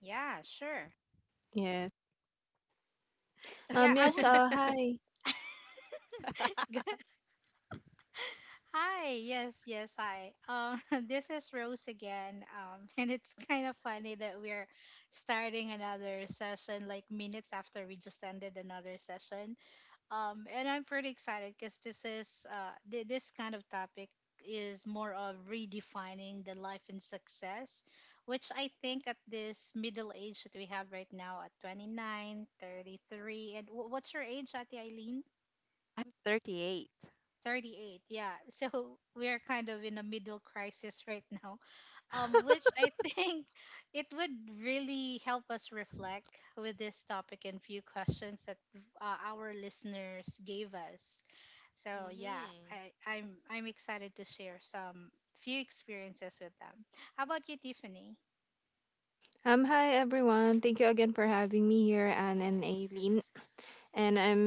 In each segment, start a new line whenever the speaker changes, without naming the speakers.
Yeah, sure.
Yes.
Yeah, I
Yes.
would.
Hi.
Good. Hi, yes, yes, hi. This is Rose again. And it's kind of funny that we're starting another session like minutes after we just ended another session. And I'm pretty excited because this is this kind of topic is more of redefining the life and success, which I think at this middle age that we have right now at 29, 33, and what's your age, Ate Eileen? 38. Yeah. So we are kind of in a middle crisis right now, which I think it would really help us reflect with this topic and few questions that our listeners gave us. So yeah, I'm excited to share some few experiences with them. How about you, Tiffany?
Hi, everyone. Thank you again for having me here, Anne and Aileen. And I'm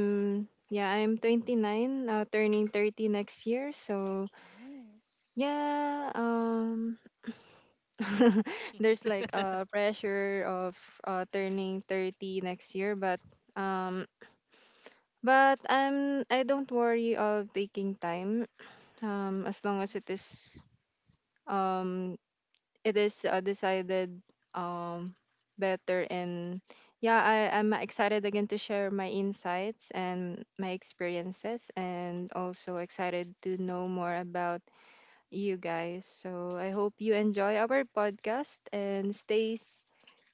yeah, I'm 29, turning 30 next year. So
Nice.
yeah. There's like a pressure of turning 30 next year, um. but I don't worry of taking time. As long as um it is decided, um better, and yeah, I'm excited again to share my insights and my experiences, and also excited to know more about you guys. So I hope you enjoy our podcast and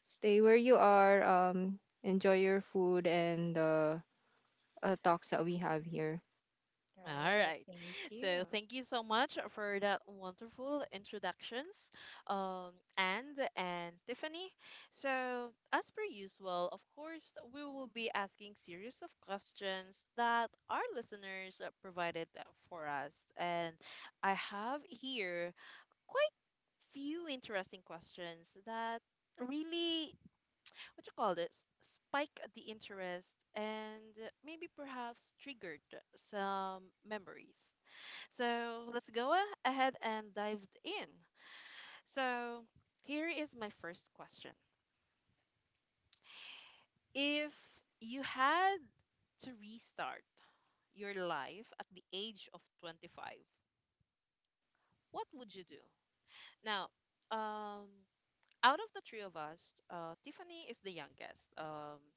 stay where you are. Enjoy your food and the talks that we have here.
Right. Thank you.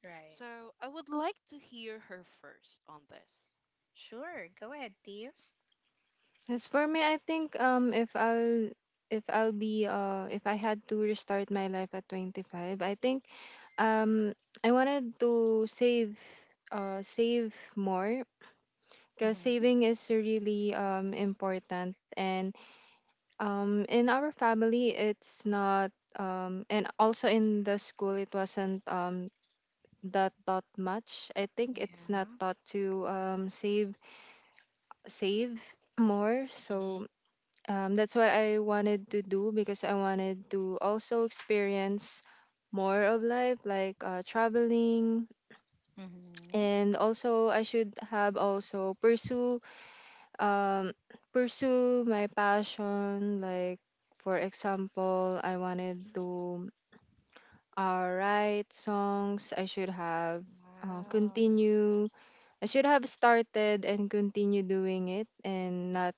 Right. Sure. Go ahead, Tiff.
As for me, I think, if I had to restart my life at 25, I think. Um, I wanted to save, more, because
Mm-hmm.
saving is really important, and in our family it's not, and also in the school it wasn't, that taught much. I think it's not
Yeah.
taught to save save more. So that's what I wanted to do, because I wanted to also experience more of life, like traveling.
Mm-hmm.
And also I should have also um pursue my passion, like for example, I wanted to write songs. I should have,
Wow.
continue I should have started and continue doing it and not,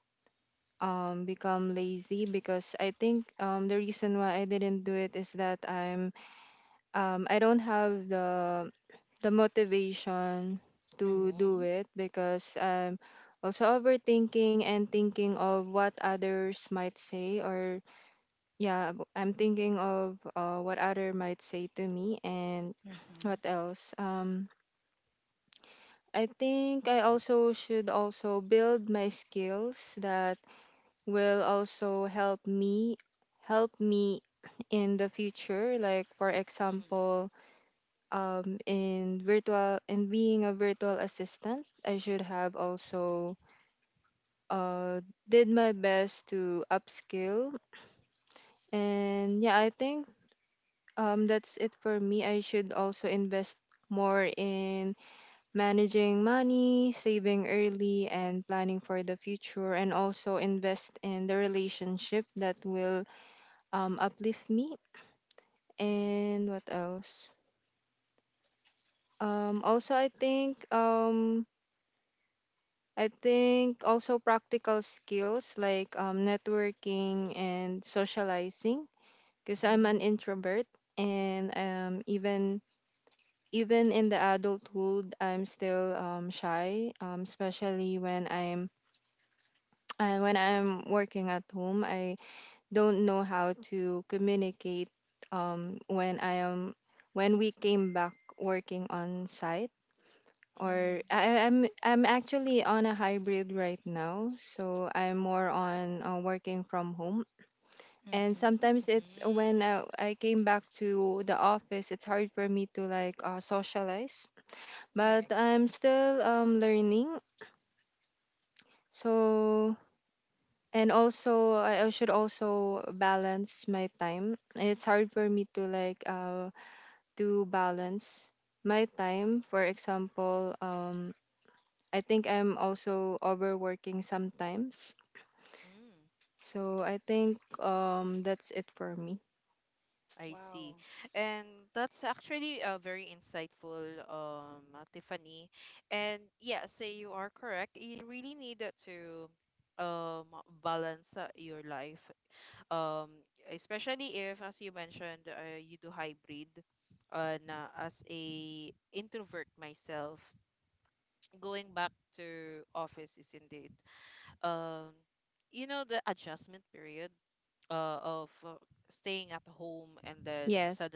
become lazy, because I think, the reason why I didn't do it is that I don't have the motivation to do
Mm-hmm.
it, because I'm also overthinking and thinking of what others might say. Or yeah, I'm thinking of, what other might say to me. And
Mm-hmm.
what else? I think I also should also build my skills that will also help me help me in the future, like, for example, in being a virtual assistant, I should have also uh, did my best to upskill. And yeah, I think, that's it for me. I should also invest more in managing money, saving early, and planning for the future, and also invest in the relationship that will, uplift me. And what else? Also, I think, also practical skills, like, networking and socializing, because I'm an introvert. And, even in the adulthood, I'm still, shy, especially when I'm when I'm working at home. I don't know how to communicate, when I am when we came back working on site,
Mm-hmm.
or I'm actually on a hybrid right now, so I'm more on, working from home. And
Mm-hmm.
sometimes it's when I came back to the office, it's hard for me to like, socialize.
Right.
But I'm still, learning. So, and also I should also balance my time. It's hard for me to like, to balance my time. For example, I think I'm also overworking sometimes. So I think, that's it for me.
Wow.
Yes.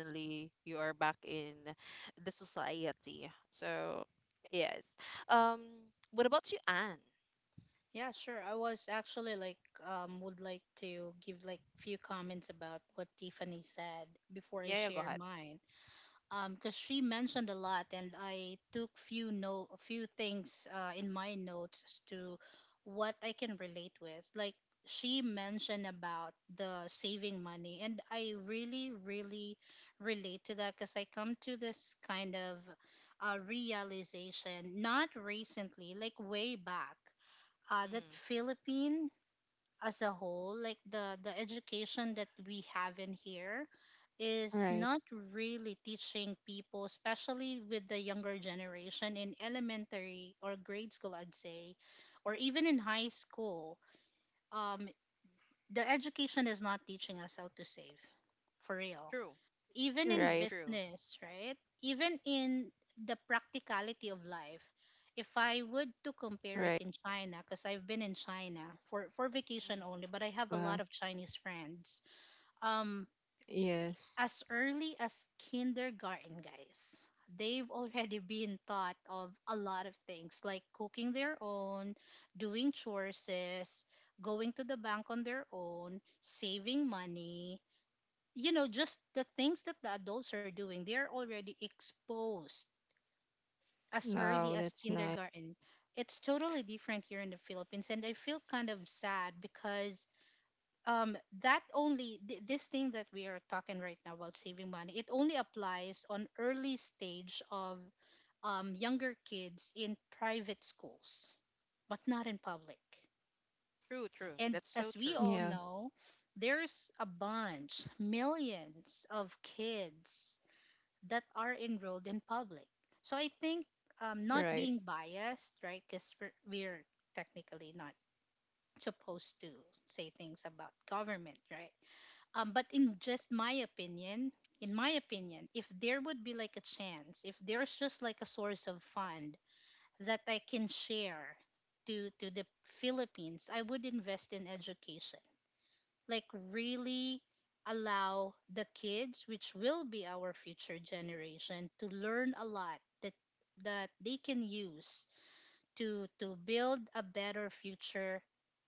Yeah, sure. I was actually like, would like, because she mentioned a lot, and I took few, no, a few things, in my notes as to what I can relate with. Like, she mentioned about the saving money, and I really really relate to that because I come to this kind of, realization, not recently, like way back, that Philippine as a whole, like, the education that we have in here is
Right.
not really teaching people, especially with the younger generation, in elementary or grade school, I'd say, or even in high school. um the education is not teaching us how to save, for real, even in
Right.
business, right? Even in the practicality of life. If I would to compare it
Right.
in China, because I've been in China for vacation only, but I have a
Wow.
lot of Chinese friends. Um,
Yes.
as early as kindergarten, guys, they've already been taught of a lot of things, like cooking their own, doing chores, going to the bank on their own, saving money, you know, just the things that the adults are doing, they are already exposed as early
No,
as
that's nice.
kindergarten. It's totally different here in the Philippines, and I feel kind of sad because, um, that only this thing that we are talking right now about saving money, it only applies on early stage of, younger kids in private schools, but not in public. And as we all
Yeah.
know, there's a bunch, millions of kids that are enrolled in public. So I think, not
Right.
being biased, right? Because we're technically not supposed to say things about government, right? But in my opinion, if there would be like a chance, if there's just like a source of fund that I can share to the Philippines, I would invest in education, like, really allow the kids, which will be our future generation, to learn a lot that they can use to build a better future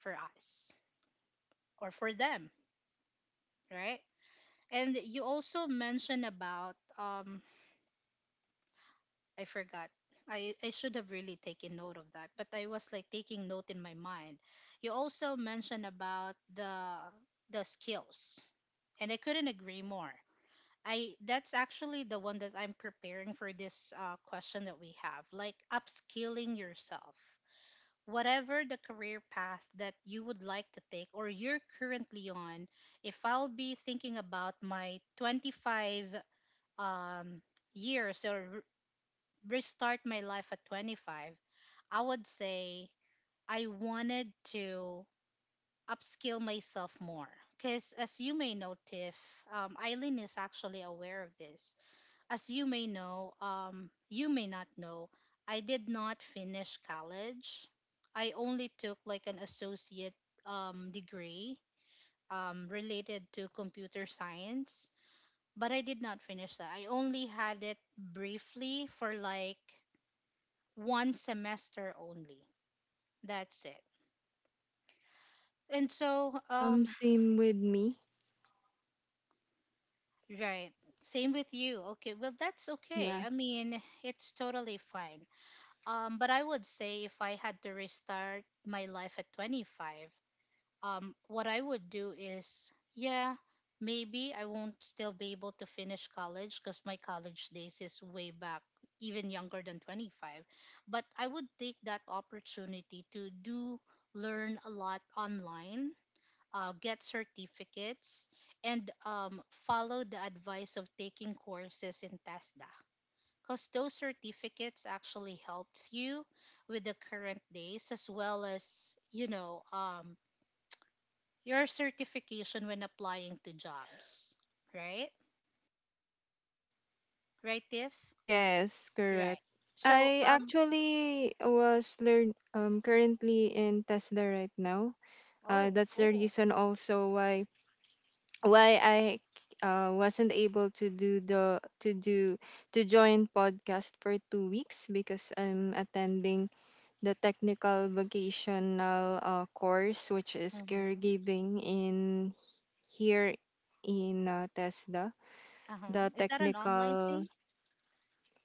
for us or for them, right? And you also mentioned about, I forgot. I should have really taken note of that, but I was like taking note in my mind. You also mentioned about the skills, and I couldn't agree more. I That's actually the one that I'm preparing for this question that we have, like upskilling yourself. Whatever the career path that you would like to take or you're currently on, if I'll be thinking about my 25, um, years or restart my life at 25, I would say I wanted to upskill myself more. Because as you may know, Tiff, Eileen is actually aware of this. As you may know, you may not know, I did not finish college. I only took like an associate, degree, related to computer science, but I did not finish that. I only had it briefly for like one semester only. That's it. And so,
Um same with me.
right, same with you. Okay, well, that's okay.
Yeah.
I mean, it's totally fine. But I would say if I had to restart my life at 25, what I would do is, yeah, maybe I won't still be able to finish college because my college days is way back, even younger than 25. But I would take that opportunity to do, learn a lot online, get certificates, and, follow the advice of taking courses in TESDA, because those certificates actually helps you with the current days, as well as, you know, your certification when applying to jobs, right? Right, Tiff.
Yes, correct.
Right. So,
I actually was learn, currently in Tesla right now.
oh,
That's the
cool.
reason also why I, wasn't able to do the to do to join podcast for 2 weeks, because I'm attending the technical vocational, course, which is
Mm-hmm.
caregiving in here in, TESDA.
Uh-huh.
The
Is that an online thing?
technical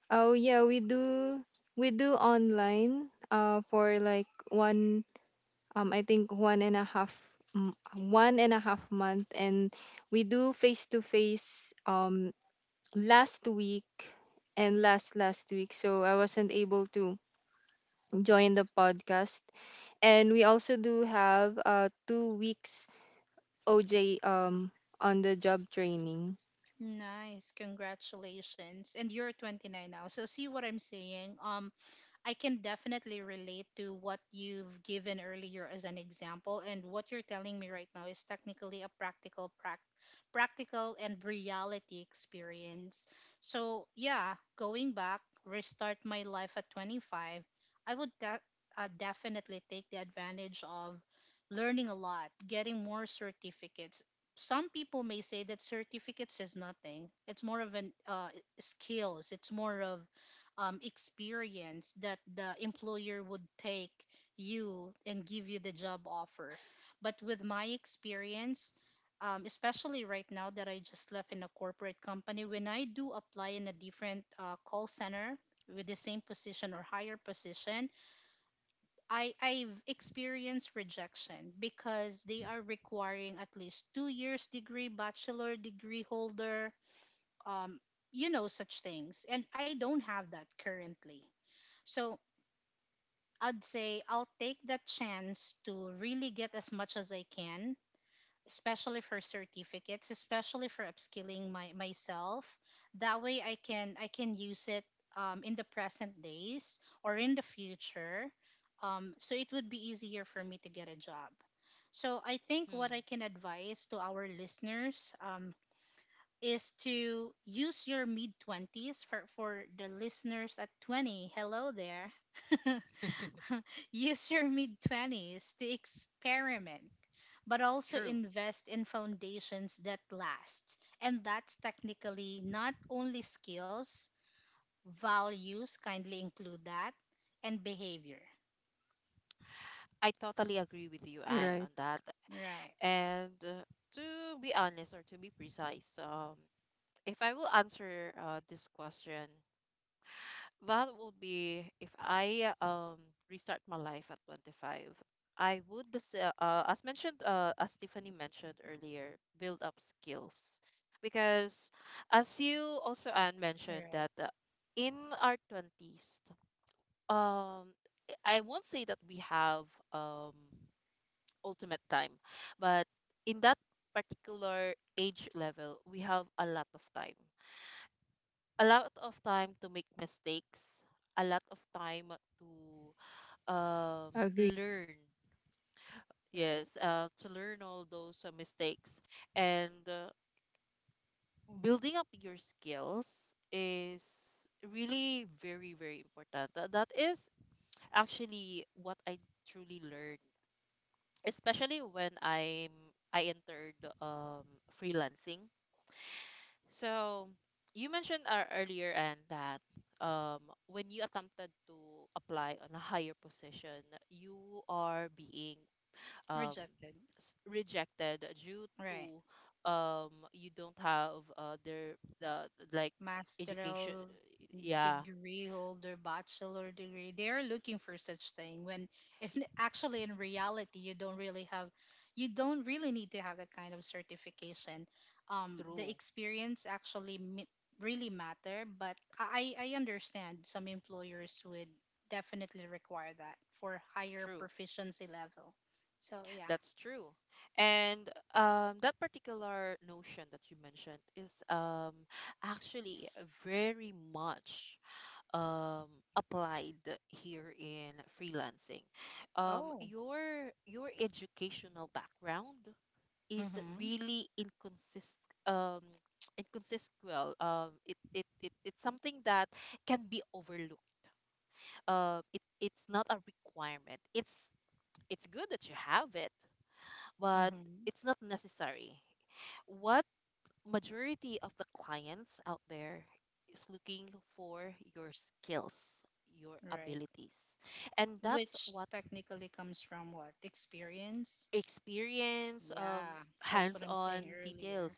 Oh yeah, we do. Online,
Mhm.
for like one I think one and a half 1.5 month, and we do face to face, last week and last last week, so I wasn't able to join the podcast. And we also do have, 2 weeks OJ, on the job training.
Nice, congratulations, and you're 29 now, so see what I'm saying. I can definitely relate to what you've given earlier as an example, and what you're telling me right now is technically a practical, practical and reality experience. So yeah, going back, restart my life at 25, I would definitely take the advantage of learning a lot, getting more certificates. Some people may say that certificates is nothing. It's more of an, skills. It's more of, experience that the employer would take you and give you the job offer. But with my experience, especially right now that I just left in a corporate company, when I do apply in a different call center with the same position or higher position, I've experienced rejection because they are requiring at least 2 years degree, bachelor degree holder, um, you know, such things. And I don't have that currently. So I'd say I'll take that chance to really get as much as I can, especially for certificates, especially for upskilling my myself. That way I can use it, in the present days or in the future. So it would be easier for me to get a job. So I think what
Hmm,
I can advise to our listeners, is to use your mid twenties, for the listeners at 20. Hello there. Use your mid 20s to experiment, but also
true.
invest in foundations that last. And that's technically not only skills, values, kindly include that, and behavior.
I totally agree with you, Anne,
Right.
on that.
Right,
And to be honest, or to be precise, if I will answer this question, that would be if I restart my life at 25, I would, as mentioned, as Tiffany mentioned earlier, build up skills. Because as you also, Anne, mentioned
right,
that in our 20s, um, I won't say that we have. Um, Ultimate time. But in that particular age level, we have a lot of time. A lot of time to make mistakes, a lot of time to um,
Agree.
learn.
right.
Yes, to learn all those mistakes. And building up your skills is really very, very important. That is actually what I truly learned, especially when I entered freelancing. So you mentioned earlier and that um, when you attempted to apply on a higher position, you are being um,
Rejected.
rejected due
Right.
to you don't have the like education.
Masteral
Yeah,
degree holder, bachelor degree. They're looking for such thing when
y-
actually in reality you don't really have, you don't really need to have that kind of certification. The
true,
experience actually, really matter, but I understand some employers would definitely require that for higher
true.
proficiency level. So yeah.
That's true. And that particular notion that you mentioned is actually very much um applied here in freelancing.
Oh.
Your educational background is
Mm-hmm.
really inconsist um inconsist. Well, it's something that can be overlooked. It it's not a requirement. It's good that you have it, but
Mm-hmm.
it's not necessary. What majority of the clients out there is looking for your skills, your
Right.
abilities. And that's
Which
what.
technically comes from what? Experience?
Experience,
Yeah, that's what I'm
hands-on
saying
details.
earlier.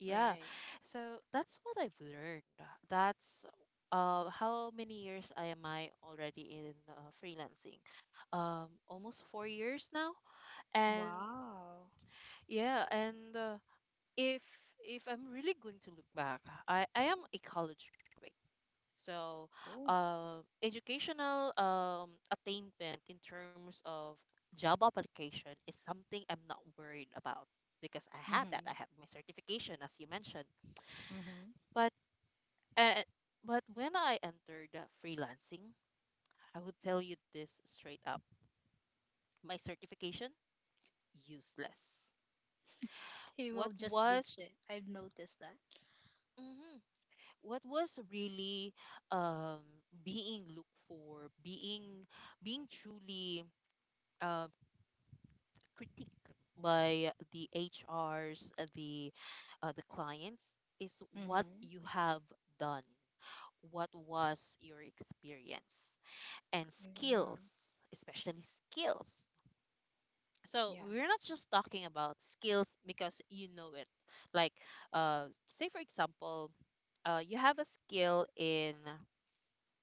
Yeah.
Right.
So that's what I've learned. That's how many years I am I already in freelancing? Almost 4 years now. And
Wow.
yeah, and if I'm really going to look back, I am a college graduate. So,
Cool.
educational attainment in terms of job application is something I'm not worried about because I have that.
Mhm.
I have my certification, as you mentioned.
Mhm.
But uh, but when I entered freelancing, I would tell you this straight up: my certification useless.
They will
What
just
was
ditch it. I've noticed that.
mhm. what was really um, being looked for, being truly um, critique by the HRs, the clients is what
Mhm.
you have done, what was your experience and
Yeah.
skills, especially skills. So
Yeah.
we're not just talking about skills because you know it. Like, say for example, you have a skill in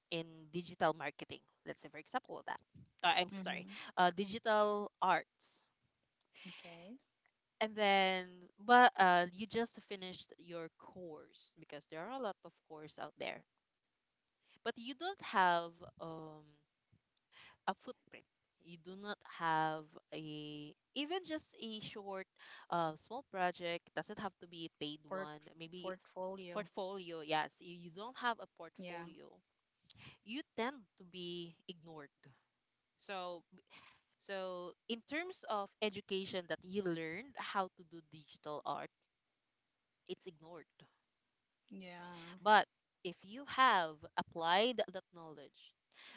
in digital marketing. Let's say for example that. I'm so sorry.
Mhm.
Digital arts.
Okay.
And then, but you just finished your course because there are a lot of course out there, but you don't have um a footprint. You do not have a even just a short, small project. Doesn't have to be a paid
Port,
one. Maybe
portfolio.
portfolio. Yes, you don't have a
Yeah.
portfolio. You tend to be ignored. So, so in terms of education that you learned how to do digital art, it's ignored.
Yeah.
But if you have applied that knowledge,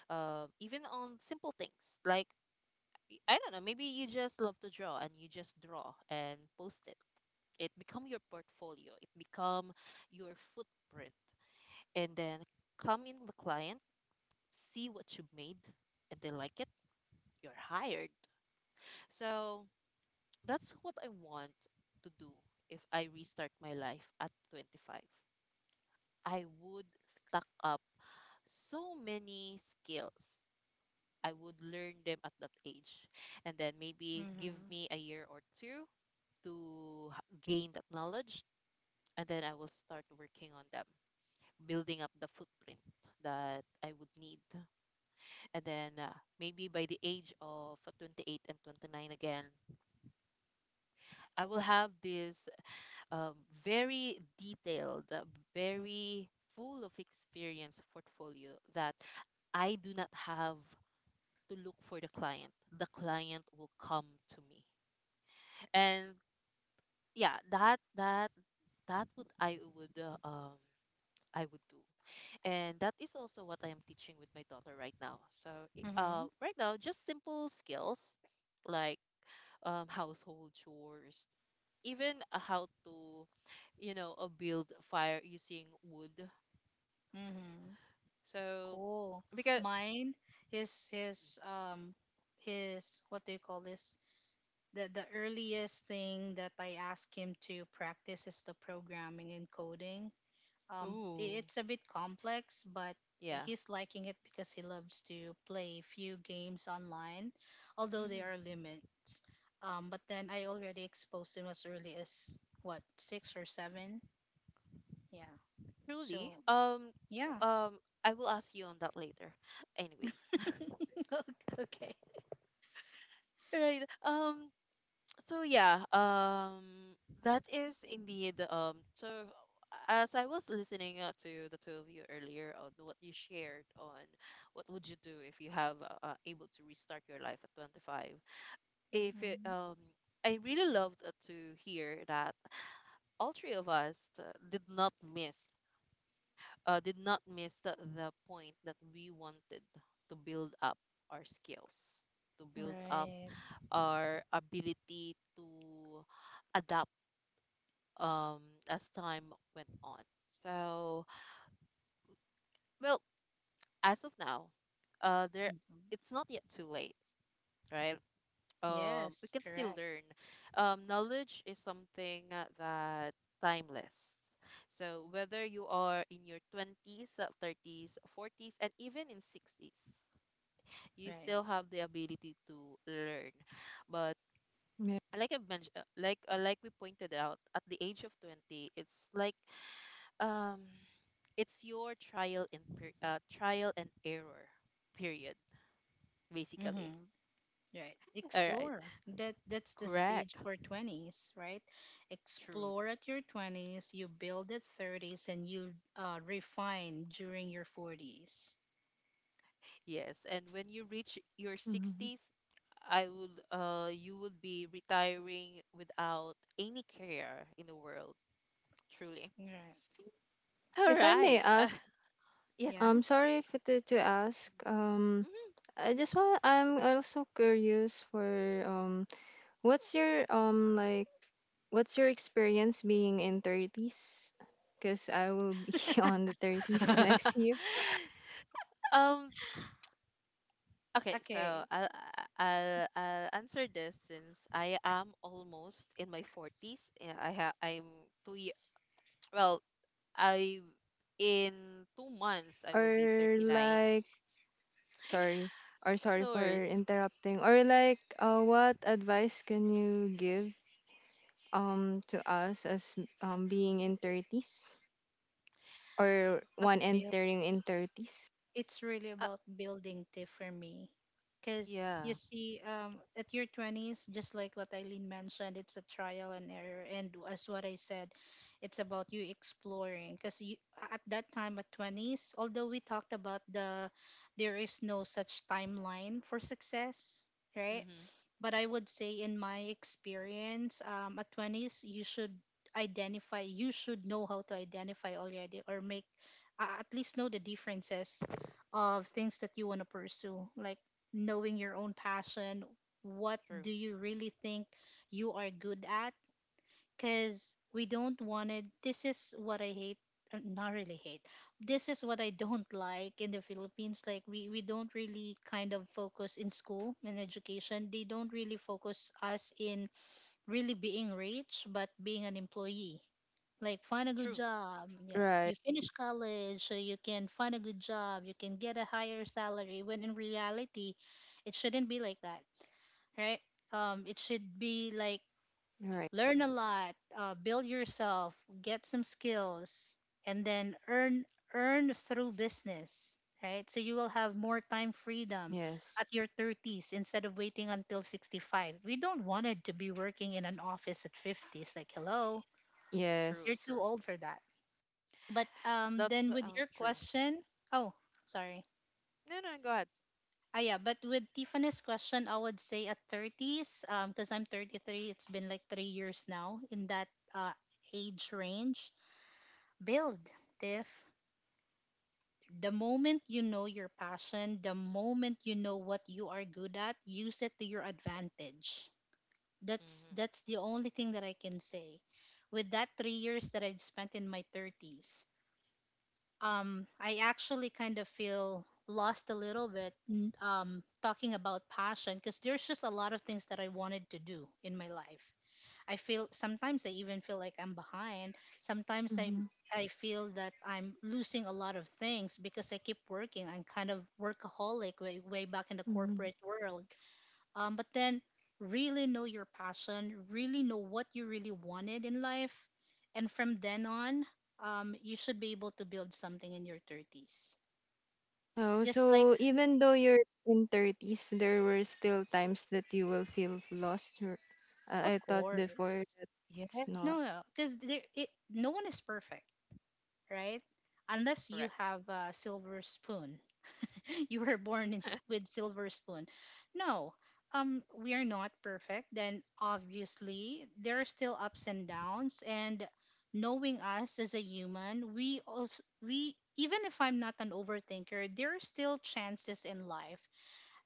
even on simple things like I don't know, maybe you just love to draw and you just draw and post it. It become your portfolio. It become your footprint. And then come in the client, see what you made, and they like it. You're hired. So that's what I want to do if I restart my life at 25. I would stack up so many skills. I would learn them at that age. And then maybe give
Mhm.
me a year or two to gain that knowledge. And then I will start working on them, building up the footprint that I would need. And then maybe by the age of 28 and 29 again, I will have this um, very detailed, very full of experience portfolio that I do not have to look for the client. The client will come to me. And yeah, that would. I would do. And that is also what I am teaching with my daughter right now. So
Mhm.
right now, just simple skills like household chores, even how to build a fire using wood.
Mhm.
So
Cool.
because
Mine, his, his, what do you call this? The earliest thing that I ask him to practice is the programming and coding.
ooh,
It's a bit complex, but
yeah.
he's liking it because he loves to play few games online, although there are
Hmm,
limits. But then I already exposed him as early as what, six or seven. Yeah.
truly.
So yeah.
I will ask you on that later. Anyways,
Okay.
right. So yeah, that is indeed. So as I was listening to the two of you earlier on what you shared on what would you do if you have able to restart your life at 25. If it,
Hmm.
I really loved to hear that all three of us did not miss, the point that we wanted to build up our skills, to build up
Right.
our ability to adapt um, as time went on. So, well, as of now, there
Hmm.
it's not yet too late, right? We
Yes.
can still
Correct.
learn. Knowledge is something that timeless. So whether you are in your 20s, 30s, 40s, and even in 60s, you
Right.
still have the ability to learn. But
Yeah.
like I mentioned, like we pointed out, at the age of 20, it's like um it's your trial and error period, basically.
Hmm. Right.
All right,
Explore. That that's the
correct,
stage for 20s, right?
true.
Explore at your 20s, you build at 30s, and you, refine during your 40s.
Yes, and when you reach your
hmm
60s, I would you would be retiring without any care in the world, truly.
Right.
All
if I may
right.
ask.
Yes.
Yeah.
I'm sorry if to, to ask, I just want I'm also curious for, what's your um like what's your experience being in 30s, because I will be on the 30s
Mhm.
next year.
um okay, so
Okay.
I'll answer this since I am almost in my 40s. Yeah, I ha- I'm two Well, I in 2 months I will be
Or
39.
like sorry or Sorry
No
for
worries.
interrupting, or like, what advice can you give, to us as, being in 30s, or
Uh,
one entering in 30s?
It's really
uh,
about building, tip for me, because you
yeah.
see, at your 20s, just like what Eileen mentioned, it's a trial and error, and as what I said, it's about you exploring, because you, at that time, at 20s, although we talked about there is no such timeline for success, right?
Mm-hmm.
But I would say, in my experience, at 20s, you should identify, you should know how to identify already, or make at least know the differences of things that you want to pursue, like knowing your own passion. What
True.
do you really think you are good at? Because we don't want it. This is what I hate. Not really hate. This is what I don't like in the Philippines. Like, we don't really kind of focus in school and education. They don't really focus us in really being rich, but being an employee. Like, find a good
True.
job. Yeah,
Right.
you finish college, so you can find a good job. You can get a higher salary. When in reality, it shouldn't be like that, right? It should be like
Right.
learn a lot, build yourself, get some skills, and then earn through business, right? So you will have more time freedom
Yes.
at your 30s, instead of waiting until 65. We don't wanted to be working in an office at 50s. Like, hello,
True.
you're
Yes.
too
True.
old for that. But
That's
then with your
true.
question, oh, sorry.
No, no, go ahead.
Yeah, but with Tiffany's question, I would say at 30s, because I'm 33, it's been like 3 years now in that uh, age range. Build tiff The moment you know your passion, the moment you know what you are good at, use it to your advantage. that's
Mm-hmm.
that's the only thing that I can say. With that 3 years that I've spent in my 30s, I actually kind of feel lost a little bit talking about passion, because there's just a lot of things that I wanted to do in my life. I feel sometimes I even feel like I'm behind. Sometimes I
Mm-hmm.
I feel that I'm losing a lot of things because I keep working. I'm kind of workaholic way back in the
Mm-hmm.
corporate world. But then really know your passion, really know what you really wanted in life, and from then on, you should be able to build something in your thirties.
Oh,
Just like,
so even though you're in 30s, there were still times that you will feel lost, or,
of
I thought
course,
before that
Yes,
it's not.
no, no, because no one is perfect, right? Unless you
correct.
have a silver spoon. You were born in, with silver spoon. No, we are not perfect. Then obviously there are still ups and downs. And knowing us as a human, we also we even if I'm not an overthinker, there are still chances in life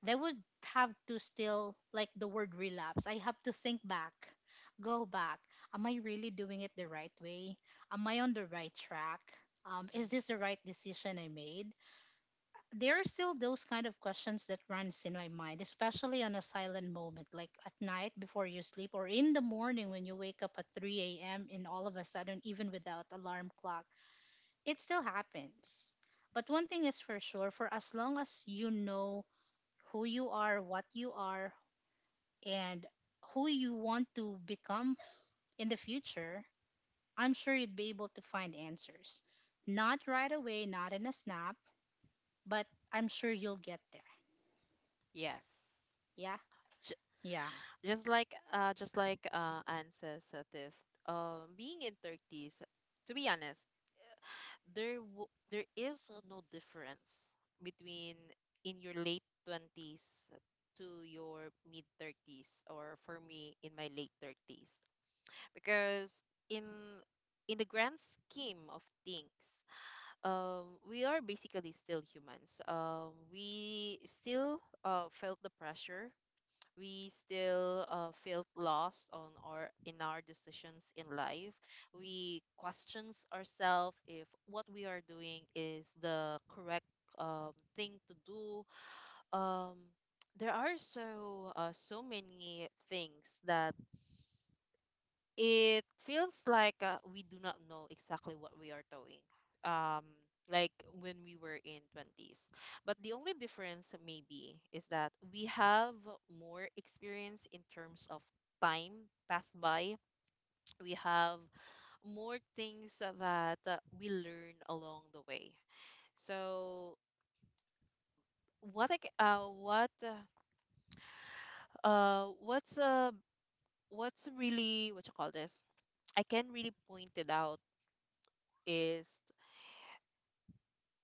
that would have to still like the word relapse. I have to think back, go back. Am I really doing it the right way? Am I on the right track? Is this the
Mm-hmm.
right decision I made? There are still those kind of questions that runs in my mind, especially on a silent moment like at night before you sleep, or in the morning when you wake up at 3 a.m. and all of a sudden, even without alarm clock, it still happens. But one thing is for sure: for as long as you know who you are, what you are, and who you want to become in the future, I'm sure you'd be able to find answers. Not right away, not in a snap, but I'm sure you'll get there.
Yes.
Yeah.
J-
Yeah.
just like Anne says, Tiff, being in 30s, to be honest, there there is no difference between in your late 20s to your mid 30s, or for me, in my late 30s, because in the grand scheme of things, we are basically still humans. We still felt the pressure. We still felt lost on our decisions in life. We questions ourselves if what we are doing is the correct thing to do. um, there are so so many things that it feels like we do not know exactly what we are doing, um like when we were in 20s. But the only difference maybe is that we have more experience in terms of time passed by. We have more things that we learn along the way. So what I c- what uh, what's uh what's really what you call this, I can really point it out, is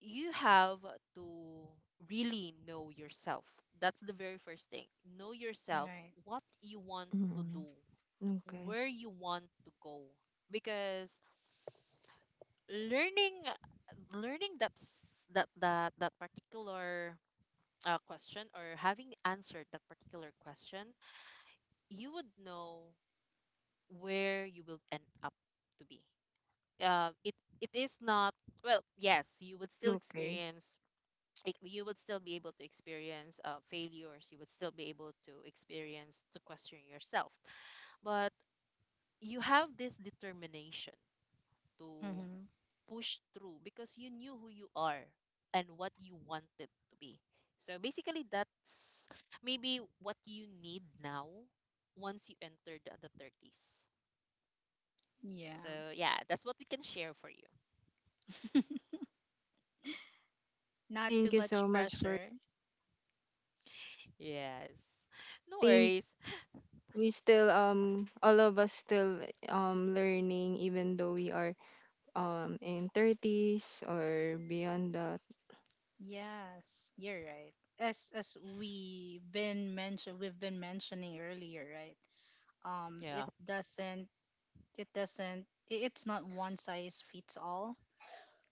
you have to really know yourself. That's the very first thing. Know yourself,
Right.
what you want to do,
mm okay.
where you want to go. Because learning learning that s- that that, that particular question, or having answered that particular question, you would know where you will end up to be. It it is not, well, yes, you would still
Okay.
experience, you would still be able to experience failures. You would still be able to experience to question yourself, but you have this determination to
Mm-hmm.
push through because you knew who you are and what you wanted to be. So basically, that's maybe what you need now once you entered the 30s.
Yeah.
So yeah, that's what we can share for you.
Not
Thank
too
you so
much
much. For
pressure.
Yes, no
think
worries.
we still, all of us still, learning, even though we are, in 30s or beyond that.
Yes, you're right. As we've been mentioning earlier, right? Um, it
Yeah,
doesn't it doesn't I- It's not one size fits all.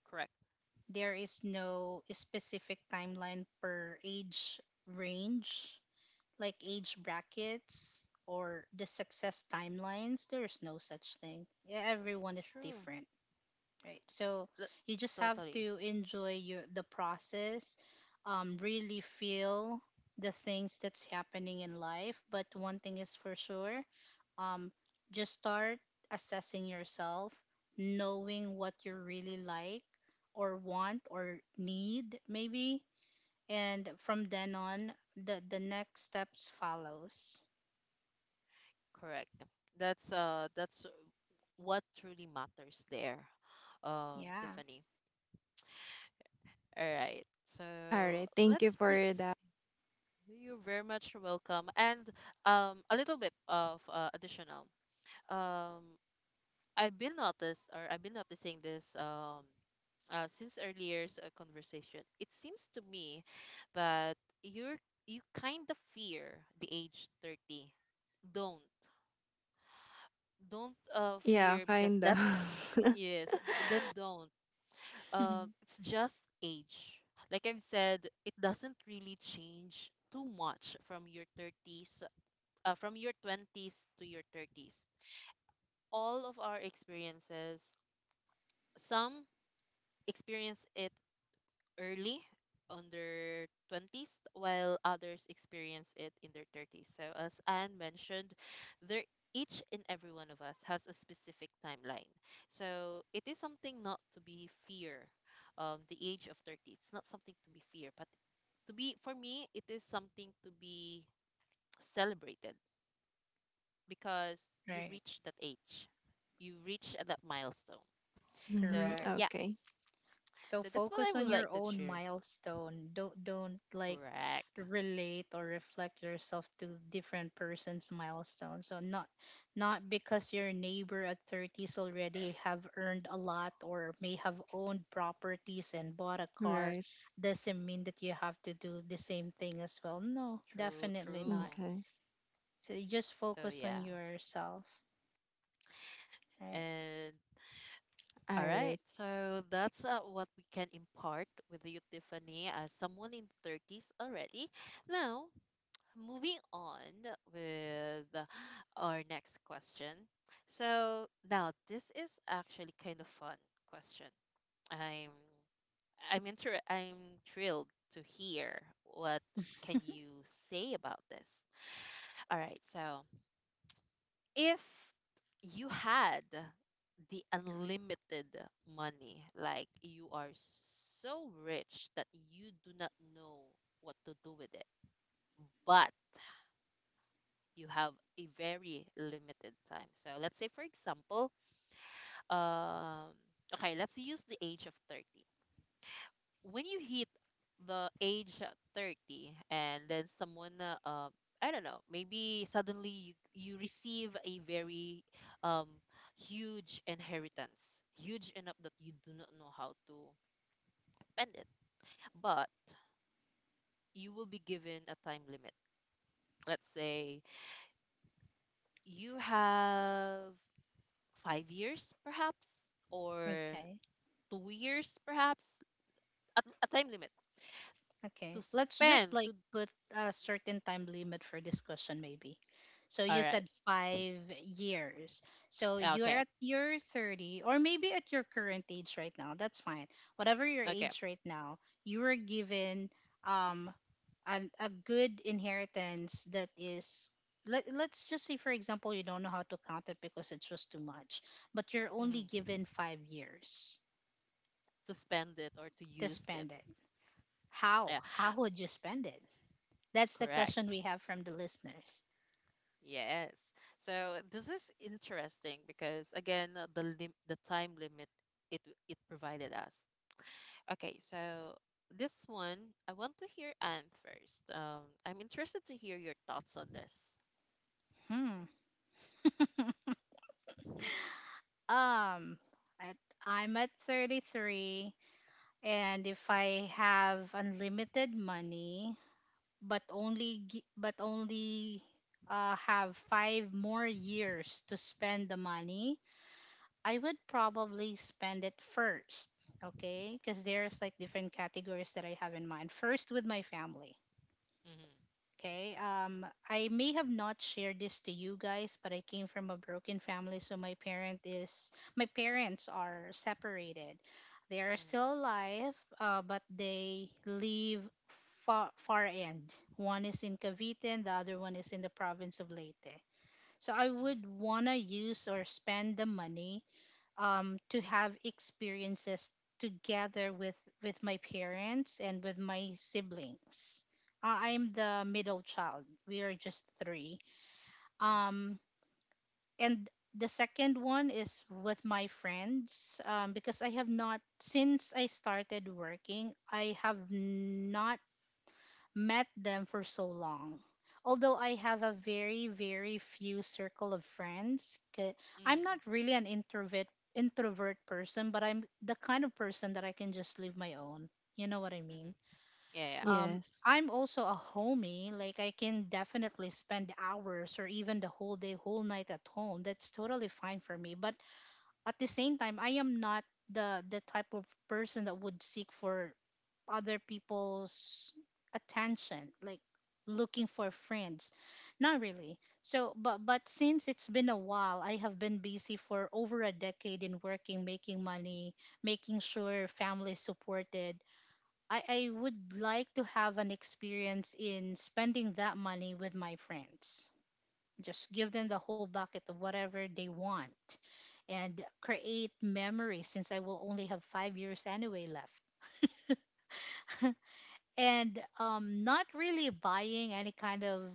correct,
There is no specific timeline per age range, like age brackets or the success timelines. There is no such thing. Yeah, everyone is
true.
different. Right? So
Th-
you just have
Totally.
to enjoy your the process, really feel the things that's happening in life. But one thing is for sure, um, just start assessing yourself, knowing what you really like or want or need, maybe, and from then on, the next steps follows.
Correct. That's what truly matters there,
Yeah.
Tiffany. All right.
All
So
right, thank you
let's
for
proceed.
that.
You're very much welcome. And a little bit of additional. Um, I've been noticed, or I've been noticing this since earlier's conversation. It seems to me that you're you kind of fear the age 30. Don't,
Yeah,
fear, because
kind
that's,
of.
yes, then don't it's just age. Like I've said, it doesn't really change too much from your 30s, from your 20s to your 30s. All of our experiences, some experience it early on their 20s, while others experience it in their 30s. So as Anne mentioned, there, each and every one of us has a specific timeline. So it is something not to be fear. The age of 30, it's not something to be fear, but to be, for me, it is something to be celebrated because you
Right.
reach that age, you reach that milestone. So
Correct.
yeah,
Okay.
So
so that's what I
focus on
would like
your
to
own
share.
milestone. Don't
Correct,
relate or reflect yourself to different person's milestone. So not, not because your neighbor at 30s already have earned a lot or may have owned properties and bought a car
Right.
doesn't mean that you have to do the same thing as well. No,
true,
definitely
true.
not.
Okay.
So you just
So
focus
yeah.
on yourself. Right.
And all
All
right.
right.
So that's what we can impart with you, Tiffany, as someone in the 30s already. Now, moving on with our next question. So now this is actually kind of fun question. I'm I'm thrilled to hear what can you say about this. All right. So if you had the unlimited money, like you are so rich that you do not know what to do with it, but you have a very limited time. So let's say, for example, um, okay, let's use the age of 30. When you hit the age 30, and then someone I don't know, maybe suddenly you receive a very um, huge inheritance, huge enough that you do not know how to spend it, but you will be given a time limit. Let's say you have 5 years perhaps, or
Okay.
2 years perhaps, a time limit to
Okay, let's just
spend
like
to.
put a certain time limit for discussion maybe. So
All
you
right.
said 5 years. So
Yeah,
you're
okay.
at your 30 or maybe at your current age right now. That's fine. Whatever your
Okay.
age right now, you were given um a good inheritance that is, let, let's just say for example you don't know how to count it because it's just too much, but you're only given
Hmm.
5 years
To spend it or to
to
use it.
spend it. how
Yeah,
how would you spend it? That's the question
correct.
we have from the listeners.
Yes. So this is interesting because again, the time limit, it it provided us. Okay, so this one I want to hear Anne first. I'm interested to hear your thoughts on this.
Hmm. Um, I, I'm at 33, and if I have unlimited money, but only have five more years to spend the money, I would probably spend it first. Okay, because there's like different categories that I have in mind. First, with my family.
Mm-hmm.
Okay. I may have not shared this to you guys, but I came from a broken family, so my parents are separated. They are
Mm-hmm.
still alive, but they live far far end. One is in Cavite, and the other one is in the province of Leyte. So I would wanna use or spend the money to have experiences together with my parents and with my siblings.
Mm-hmm.
I'm the middle child. We are just three.
Mm-hmm.
Um, and the second one is with my friends, because I have not, since I started working, I have not met them for so long. Although I have a very, very few circle of friends, 'kay, I'm not
Mm-hmm.
really an introvert person, but I'm the kind of person that I can just live my own. You know what I
Mm-hmm.
mean?
Yeah. Yeah.
Um,
Yes.
I'm also a homie. Like I can definitely spend hours or even the whole day, whole night at home. That's totally fine for me. But at the same time, I am not the type of person that would seek for other people's attention, like looking for friends. Not really. So, but since it's been a while, I have been busy for over a decade in working, making money, making sure family is supported. I would like to have an experience in spending that money with my friends. Just give them the whole bucket of whatever they want and create memories since I will only have 5 years anyway left. And not really buying any kind of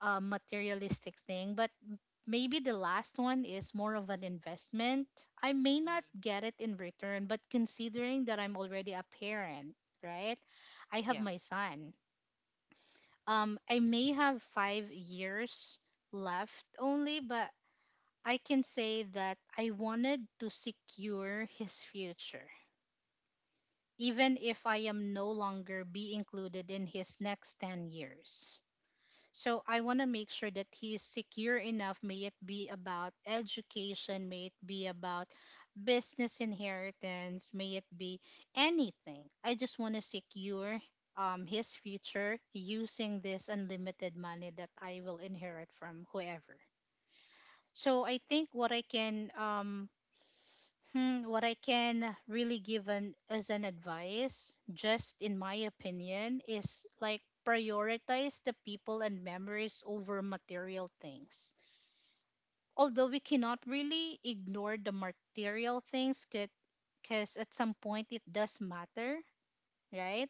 materialistic thing, but maybe the last one is more of an investment. I may not
Mm-hmm.
get it in return, but considering that I'm already a parent, right? I have
Yeah.
my son. I may have 5 years left only, but I can say that I wanted to secure his future, even if I am no longer be included in his next 10 years. So I want to make sure that he is secure enough, may it be about education, may it be about business inheritance, may it be anything. I just want to secure his future using this unlimited money that I will inherit from whoever. So I think what I can hmm, what I can really give an, as an advice, just in my opinion, is like prioritize the people and memories over material things. Although we cannot really ignore the material things because at some point it does matter, right?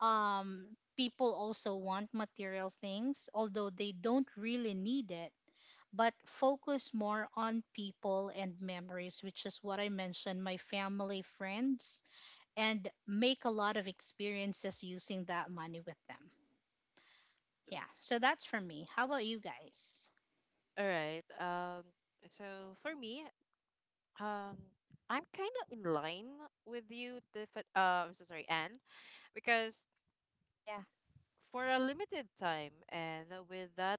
Um, people also want material things, although they don't really need it, but focus more on people and memories, which is what I mentioned: my family, friends, and make a lot of experiences using that money with them. Yeah, so that's for me. How about you guys?
All right. So for me, Um, I'm kind of in line with you, I'm so sorry, Anne, because
Yeah.
for a limited time and with that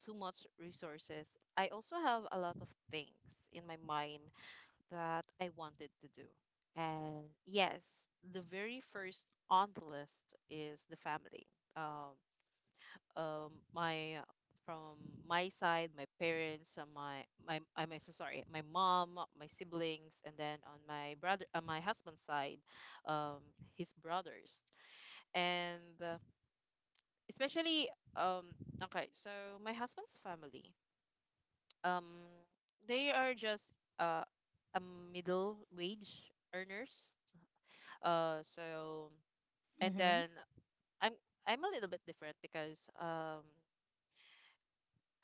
too much resources, I also have a lot of things in my mind that I wanted to do. And yes, the very first on the list is the family. Um, my from my side, my parents, my my I'm so sorry, my mom, my siblings, and then on my brother, my husband's side, um, his brothers, and especially um, okay, so my husband's family, um, they are just uh, a middle wage earners, so and
Mm-hmm.
then I'm I'm a little bit different because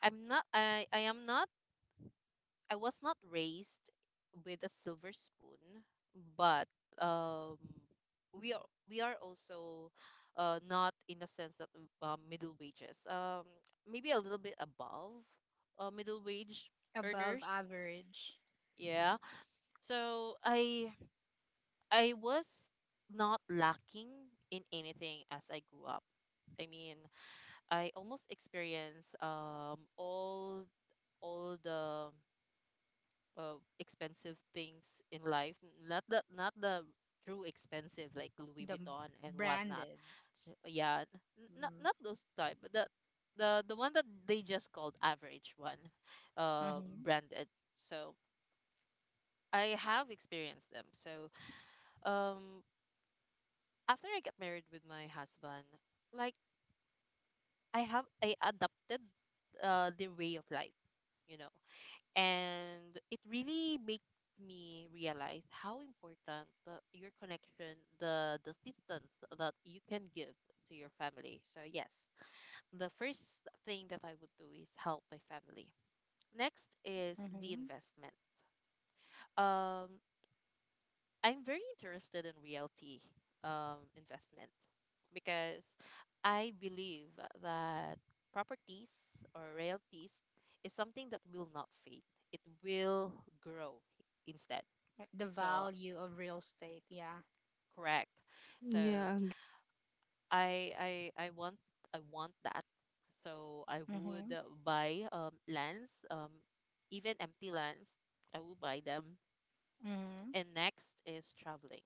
I am not, I was not raised with a silver spoon, but um, we are, we are also not in the sense that middle wages. Maybe a little bit above middle wage
Above
earners.
average.
Yeah. So I was not lacking in anything as I grew up. I mean, I almost experienced all the expensive things in life. Not the, not the true expensive, like Louis
The
Vuitton and whatnot.
branded.
Yeah, not, not those type, but the one that they just called average one,
Mm-hmm.
branded. So I have experienced them. So um, after I got married with my husband, like I adopted their way of life, you know. And it really made me realize how important the, your connection, the assistance that you can give to your family. So yes, the first thing that I would do is help my family. Next is the
Mm-hmm.
investment. um I'm very interested in realty investment, because I believe that properties or realties is something that will not fade. It will grow instead.
The
So
value of real estate. Yeah.
correct. So
Yeah.
I I I want I want that. So I would
Mm-hmm.
buy lands, even empty lands. I will buy them.
Mm-hmm.
And next is traveling.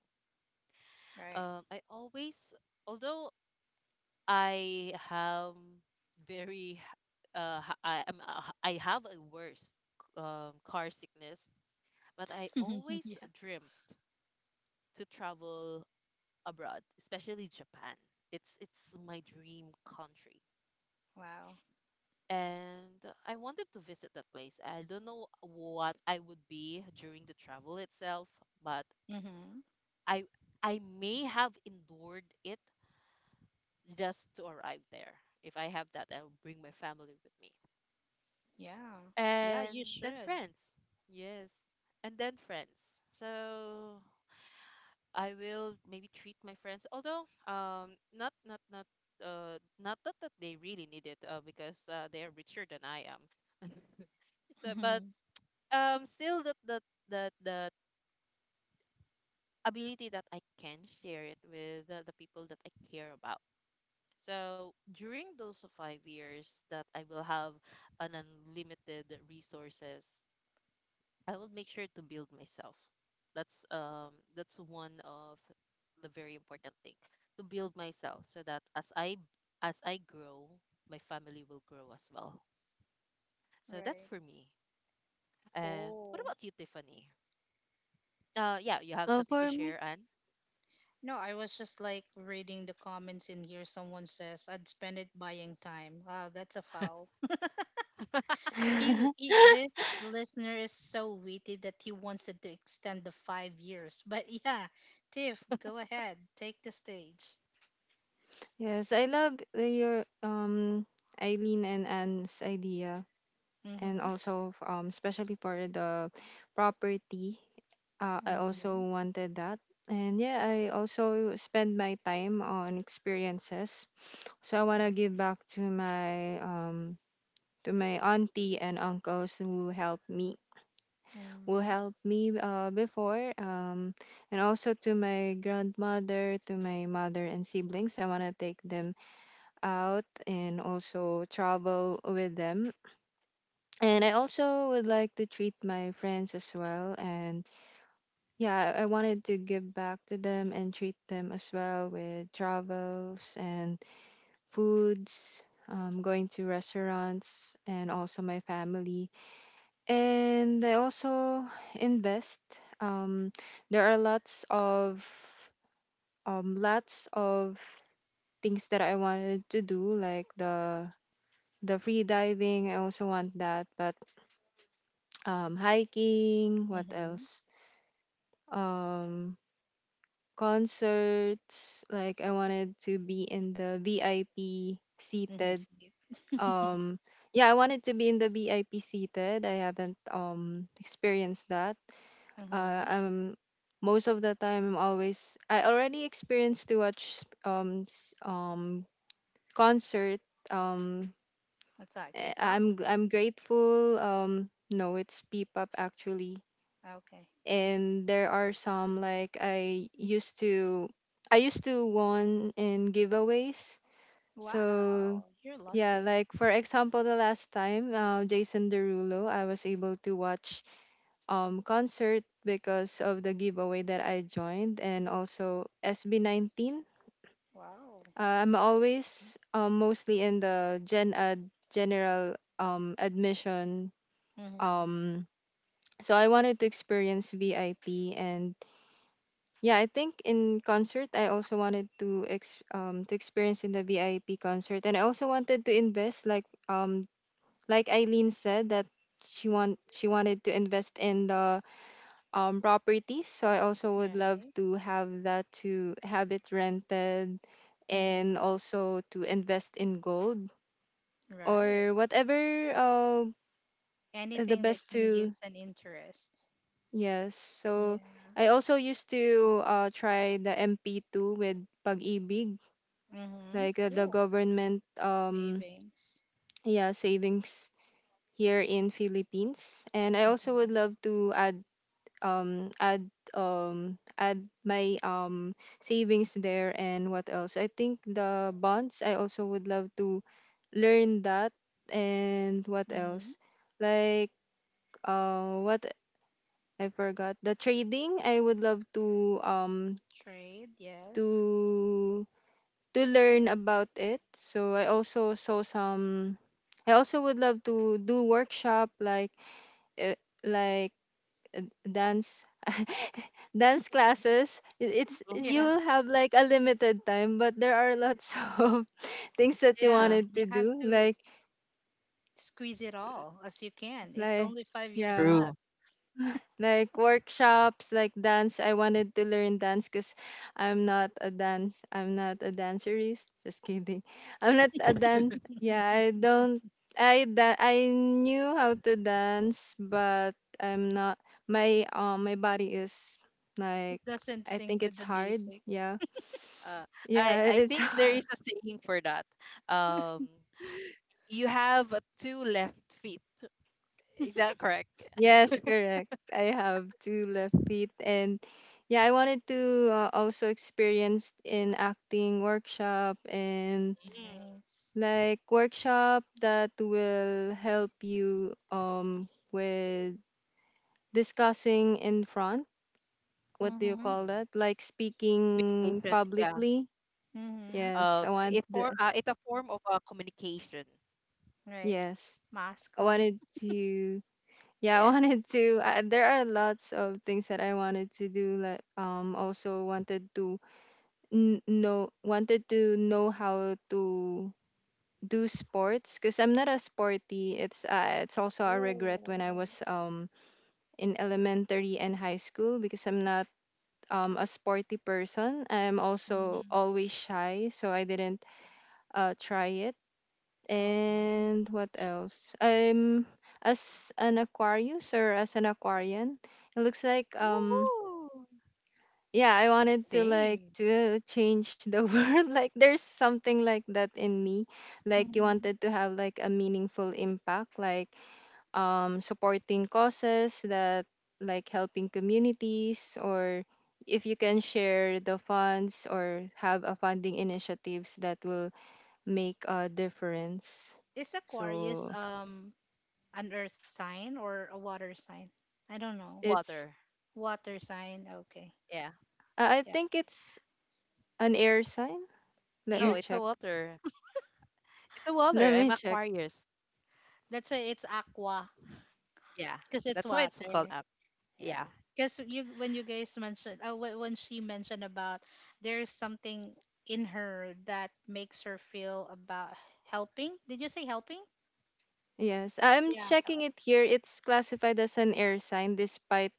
Right.
I always, although I have very I am I have a worst car sickness, but I always
Yeah.
dreamt to travel abroad, especially Japan. It's my dream country.
Wow.
And I wanted to visit that place. I don't know what I would be during the travel itself, but
Mm-hmm.
I I may have endured it just to arrive there. If I have that, I'll bring my family with me.
Yeah. Yeah,
And
you
then
should.
friends. Yes, and then friends. So I will maybe treat my friends, although not that, that they really need it because they are richer than I am. So but still that that ability that I can share it with the people that I care about. So during those 5 years that I will have an unlimited resources, I will make sure to build myself. That's one of the very important thing, to build myself, so that as I grow, my family will grow as well. So that's
Right.
for me. What
Cool.
about you, Tiffany? Yeah, you have
Uh,
something to
for me.
share, Anne?
No, I was just like reading the comments in here. Someone says, "I'd spend it buying time." Wow, that's a foul. He this listener is so witty that he wants it to extend the 5 years. But yeah, Tiff, go ahead, take the stage.
Yes, I love your, Eileen and Anne's idea. And
Mhm.
also, especially for the property, I also
Mhm.
Mm-hmm.
wanted that. And yeah, I also spend my time on experiences. So I want to
Right.
give back to my auntie and uncles who
Mhm.
helped me, before, and also to my grandmother, to my mother and siblings. I want to take them out and also travel with them. And I also would like to treat my friends as well. And yeah, I wanted to give back to them and treat them as well with travels and foods, going to restaurants, and also my family. And I also invest. Um, there are lots of, um, lots of things that I wanted to do, like the free diving. I also want that. But, hiking. What
Mhm.
else? Um, concerts. Like, I wanted to be in the VIP
Mhm.
seated.
See it.
um yeah, I wanted to be in the VIP seated. I haven't, experienced that.
Uh huh.
I'm most of the time I'm always I already experienced to watch, concert, um
What's that? K-pop.
I'm grateful. No, it's peep up actually.
Okay.
And there are some, like, I used to won in giveaways. So
Wow, you're
yeah,
lucky.
like, for example, the last time, Jason Derulo, I was able to watch, concert, because of the giveaway that I joined, and also SB19.
Wow.
I'm always, mostly in the Gen Ed, general, admission,
Mhm.
um so I wanted to experience VIP. And, yeah, I think in concert I also wanted to ex to experience in the VIP concert. And I also wanted to invest like, um like Eileen said that she wanted to invest in the, properties. So I also would love
Right.
to have that, to have it rented, and
Mhm.
also to invest in gold,
Right.
or whatever, the
Anything that
best
can
to.
give an interest.
Yes. So
Yeah.
I also used to, try the MP2 with Pag-ibig,
Mm-hmm.
like, the
Cool.
government,
Savings.
yeah, savings here in Philippines. And I also would
Mm-hmm.
love to um add add my, savings there. And what else? I think the bonds, I also would love to learn that. And what
Mm-hmm.
else, like, what I forgot the trading. I would love to, um
Trade, yes.
to learn about it. So I also saw some. I also would love to do workshop, uh, like dance dance classes. It's you
Yeah.
Mm-hmm.
have like a limited time, but there are lots of things that you
Yeah.
Yeah.
wanted to
You have
do.
to squeeze it all as you can. It's
Like
only 5 years
yeah
True.
left.
like workshops, like dance. I wanted to learn dance because I'm not a dance. I'm not a dancerist, just kidding. I'm not a dance. Yeah, I don't. I knew how to dance, but I'm not. My body is,
It
like,
doesn't
I
sync
think
with
it's
the
hard.
music.
Yeah,
Uh,
yeah,
I
it's
think there is a saying for that. Um, you have two left feet. Is that correct?
yes, correct. I have two left feet. And yeah, I wanted to, also experience in acting workshop, and
Nice.
like workshop that will help you, with discussing in front, what do you
Mm-hmm.
call
Mm-hmm.
that, like speaking
Communication. Yeah.
publicly.
Mm-hmm.
Yes, I want
It
the.
for it's a form of communication.
Right.
Yes, I
Mascom.
wanted to. Yeah I
Yes.
wanted to, there are lots of things that I wanted to do, like, also wanted to n- know wanted to know how to do sports, because I'm not a sporty. It's also a regret when I
Oh.
was, in elementary and high school, because I'm not, a sporty person. I'm also
Mm-hmm.
always shy, so I didn't, try it.
Mm.
Okay.
And what else? I'm, as an Aquarius, or as an Aquarian. It looks like,
Ooh,
yeah, I wanted to, like,
same.
to change the world. Like, there's something like that in me. Like, you
Mm-hmm.
wanted to have like a meaningful impact. Like, supporting causes that, like, helping communities, or if you can share the funds, or have a funding initiatives that will make a difference.
Is Aquarius
So,
an earth sign or a water sign? I don't know.
it's
Water.
Water sign. Okay.
Yeah.
I
Yeah.
think it's an air sign. Let
Air?
No,
me
it's a
check.
water. It's a water.
Let me
I'm
check.
Aquarius.
That's why it's aqua
Yeah.
because it's
That's why it's called
water.
up.
Yeah.
Yeah.
Because you, when you guys mentioned when she mentioned about there is something in her that makes her feel about helping. Did you say helping?
Yes, I'm
Yeah.
checking
hel-
it here. It's classified as an air sign, despite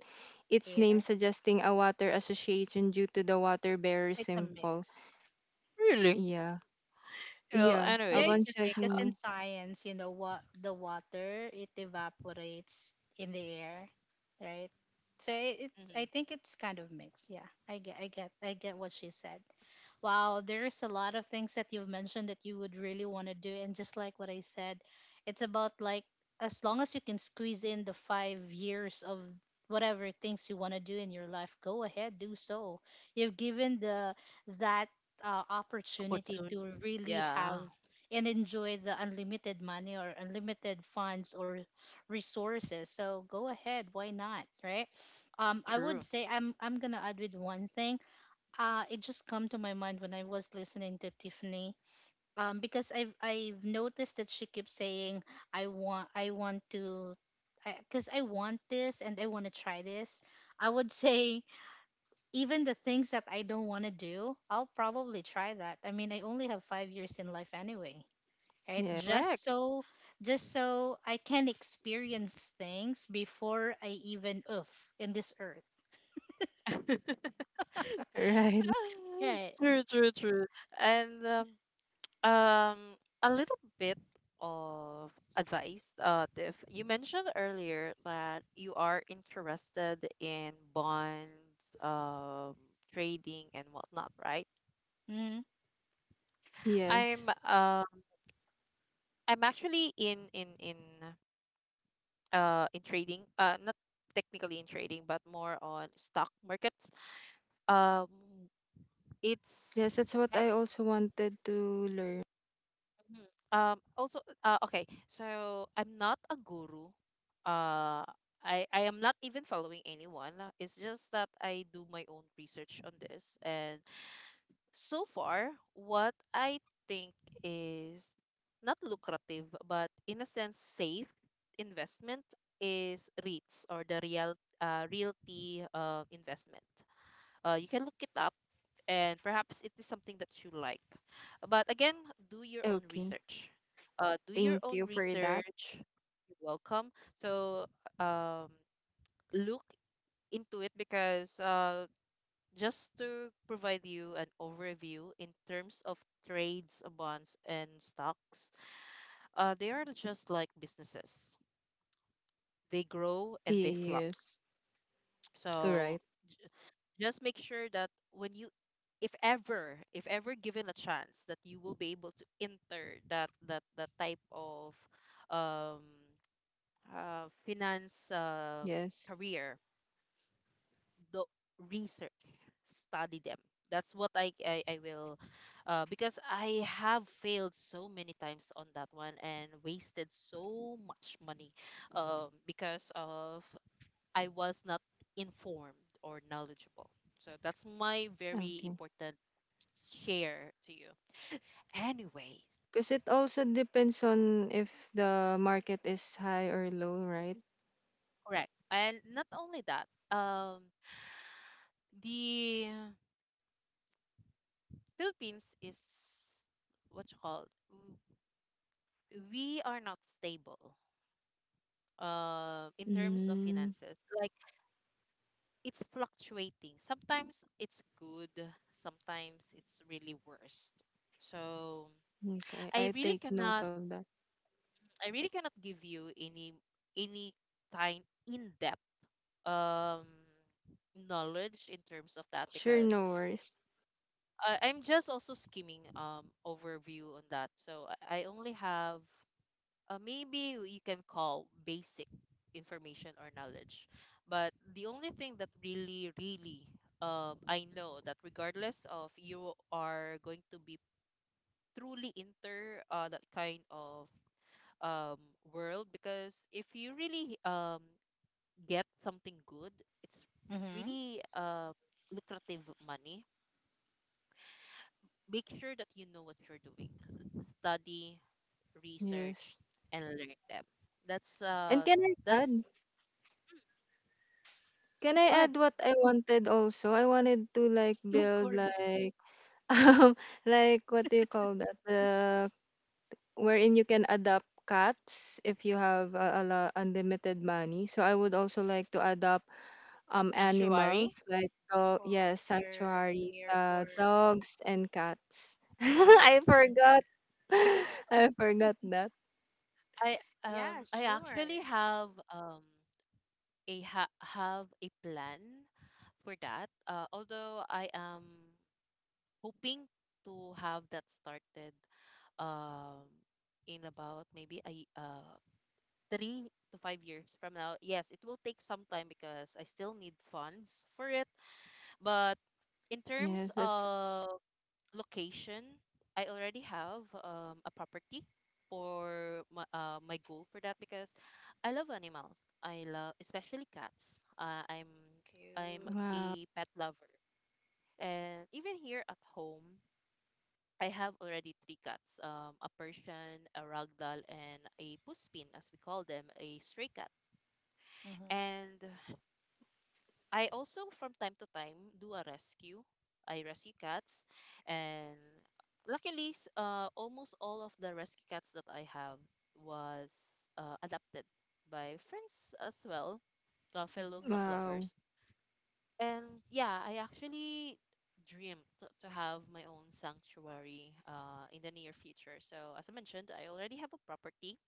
its name
Air.
suggesting a water association, due to the water bearer
It's a
symbol.
mix.
Really?
Yeah.
Well,
Yeah,
Yeah, it's
upon
anyways.
okay. Because
Uh,
in
checking.
science, you know what, the water it evaporates in the air, right? So it's I
mhm.
think it's kind of mixed. Yeah, I get what she said. Wow, there's a lot of things that you've mentioned that you would really want to do. And just like what I said, it's about like as long as you can squeeze in the 5 years of whatever things you want to do in your life, go ahead, do so. You've given the that opportunity
Opportunity.
to really have
Yeah.
and enjoy the unlimited money or unlimited funds or resources. So go ahead, why not, right? I would
True.
say I'm gonna add with one thing, it just come to my mind when I was listening to Tiffany. Because I've noticed that she keeps saying I want to, 'cause I want this and I want to try this. I would say even the things that I don't want to do, I'll probably try that. I mean, I only have 5 years in life anyway, right?
Yeah,
Correct.
Just so I can experience things before I even oof in this earth.
right.
Right.
true, true, true. And Um, a little bit of advice. If you mentioned earlier that you are interested in bonds, trading and whatnot, right?
Mm-hmm.
I'm
Yes.
um I'm actually in trading. Not technically in trading, but more on stock markets. Um,
Yes,
it's.
that's what
I
I also wanted to learn.
Mhm. Also, okay, so I'm not a guru. Uh, I am not even following anyone. Uh, it's just that I do my own research on this. And so far, what I think is not lucrative, but in a sense, safe investment, is REITs, or the real realty investment. You can look it up, and perhaps it is something that you like. But again, do your own
Okay.
research. Do your
Thank
own
you for that.
research. You're welcome. So um, look into it, because just to provide you an overview in terms of trades, bonds, and stocks, they are just like businesses. They grow and they flop.
Yes. Right.
So just make sure that when you, if ever, if ever given a chance that you will be able to enter that type of um finance
Yes.
career, the research, study them. That's what I will because I have failed so many times on that one and wasted so much money because of, I was not informed or knowledgeable. So that's my very
Okay.
important share to you. Anyways,
Because it also depends on if the market is high or low, right?
correct. And not only that, um, the Philippines is what you call w- we are not stable in terms of
Mm,
finances. Like, it's fluctuating. Sometimes it's good, sometimes it's really worst. So
okay.
I
I
really
take note
cannot
of that.
I really cannot give you any any kind in depth um knowledge in terms of that
Sure,
because
no worries.
I'm just also skimming overview on that. So I only have maybe you can call basic information or knowledge, but the only thing that really really I know that regardless of, you are going to be truly inter that kind of um world, because if you really get something good, it's it's really lucrative money. Make sure that you know what you're doing. Study, research,
Yes.
and learn them. That's
And can I add?
that's Mm,
Can I
go ahead.
add what I wanted also? I wanted to, like,
Of
build,
course.
like, um like, what do you call that, the wherein you can adopt cats. If you have a, lot, unlimited money, so I would also like to adopt,
Sanctuary.
animals, like dog, yes,
Foster
sanctuary,
care for
dogs and cats.
stray.
I
Ah,
forgot. I forgot that.
I
Yeah,
I actually
sure.
have a ha have a plan for that. Although I am hoping to have that started um in about maybe 3 to 5 years from now. Yes, it will take some time because I still need funds for it, but in terms
Yes, that's.
of location, I already have a property for my goal for that, because I love animals. I love especially cats. I'm
Cute.
Wow.
a pet lover. And even here at home, I have already three cats, a Persian, a Ragdoll, and a Puspin, as we call them, a stray cat.
Mm-hmm.
And I also, from time to time, do a rescue. I rescue cats, and luckily, almost all of the rescue cats that I have was adopted by friends as well, fellow
Mm-hmm.
cat
Wow.
lovers. And yeah, I actually dream to have my own sanctuary in the near future. So as I mentioned, I already have a property.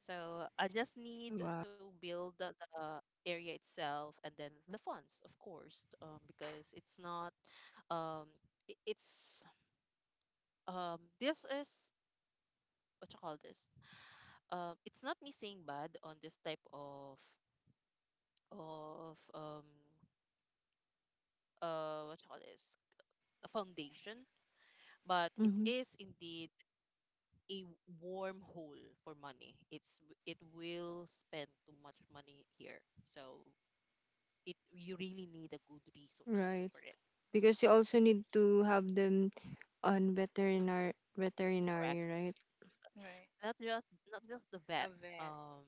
So I just need
Wow.
to build the area itself, and then the funds, of course, because it's not um it's this is what you call this, it's not me saying bad on this type of of um what you call this, a foundation, but it
Hmm.
is indeed a wormhole for money. It's it will spend too much money here, so it, you really need a good resources
Right.
for it.
Because you also need to have them on veterinary,
Correct.
right?
Right.
Not just, not just the
A
vet,
vet.
um,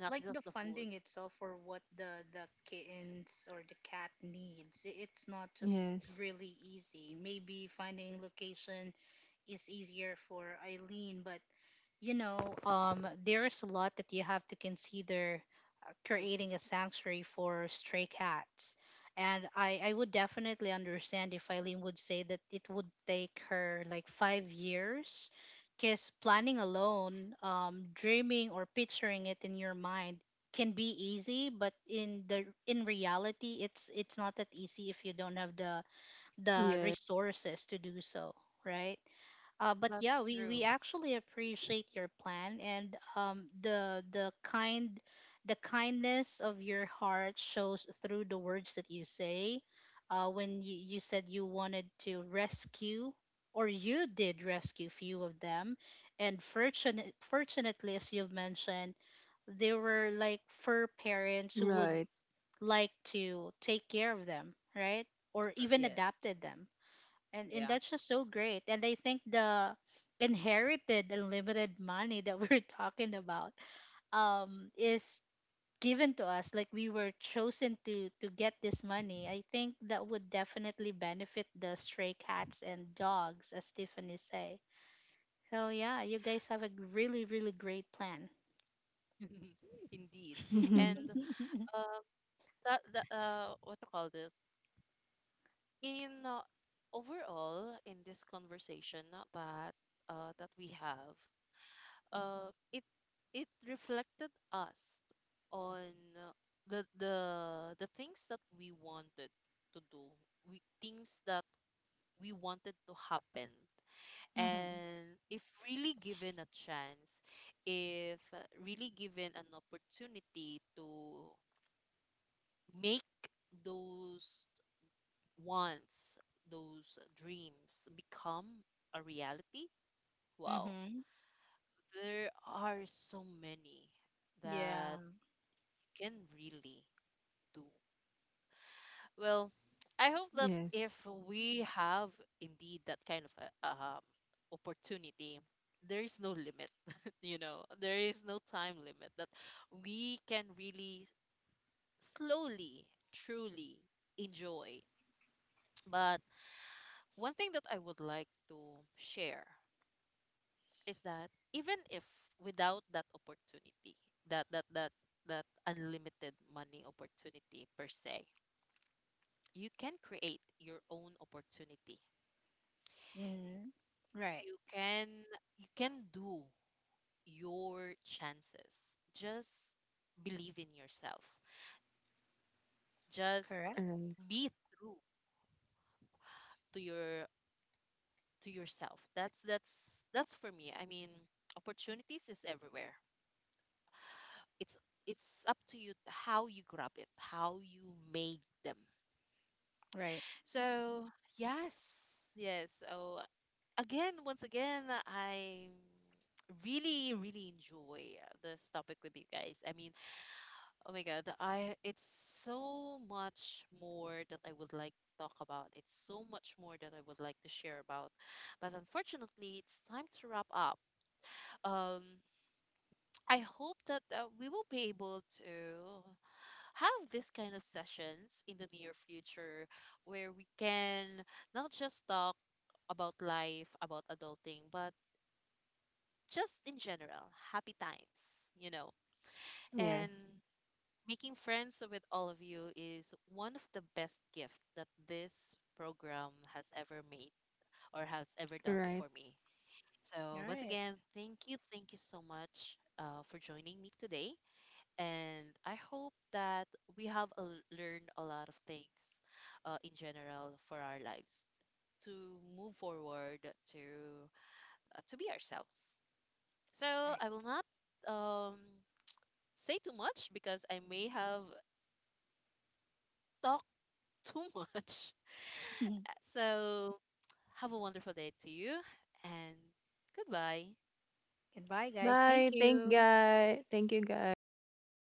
not
Like the
just the food.
funding itself for what the kittens or the cat needs. It's not just
Yes.
really easy. Maybe finding location is easier for Eileen, but you know, there's a lot that you have to consider
Room.
creating a sanctuary for stray cats. And I would definitely understand if Eileen would say that it would take her like 5 years. Because planning alone, dreaming or picturing it in your mind can be easy, but in the
Serv-.
in reality, it's not that easy if you don't have the
Yes.
resources to do so, right? But
That's
yeah,
true.
we actually appreciate your plan and the kindness of your heart shows through the words that you say. You said you wanted to rescue or you did rescue few of them and fortunately, as you've mentioned, there were like fur parents who would
Right.
like to take care of them, right, or
Sure,
even
yes.
adopted them. And
Yeah.
that's just so great. And I think the inherited unlimited money that we're talking about is given to us, like we were chosen to get this money, I think that would definitely benefit the stray cats and dogs, as Tiffany say. So yeah, you guys have a really really great plan.
Indeed.
Mm-hmm.
And uh, that, that, what you call this? In overall in this conversation, not that that we have. Uh, it reflected us on the the the things that we wanted to do, we things that we wanted to happen.
Mhm.
And if really given a chance, if really given an opportunity to make those wants, those dreams become a reality, wow,
Mhm.
there are so many
Yeah.
that can really do. Well, I hope that
Yes.
if we have indeed that kind of a, opportunity, there is no limit, you know, there is no time limit, that we can really slowly, truly enjoy. But one thing that I would like to share is that even if without that opportunity, that unlimited money opportunity per se, you can create your own opportunity.
Mhm. Right.
You can, you can do your chances. Just believe in yourself. Just
All
Correct.
right.
be true to your, to yourself. That's for me. I mean, opportunities is everywhere. It's it's up to you how you grab it, how you make them.
Right.
So yes, yes. Oh, again, once again, I really, really enjoy this topic with you guys. I mean, oh my God, I, it's so much more that I would like to talk about. It's so much more that I would like to share about. But unfortunately, it's time to wrap up. Um, I hope that we will be able to have this kind of sessions in the near future, where we can not just talk about life, about adulting, but just in general, happy times, you know.
Yeah.
And making friends with all of you is one of the best gifts that this program has ever made or has ever
All
done
right.
for me.
All
So, once
right.
again, thank you so much for joining me today. And I hope that we have a, learned a lot of things in general for our lives to move forward to be ourselves. So
All
I will not um say too much because I may have talked too much.
right.
So, have a wonderful day to you, and goodbye.
Goodbye guys, thank
Bye. Thank
you.
guy. Thank you guys.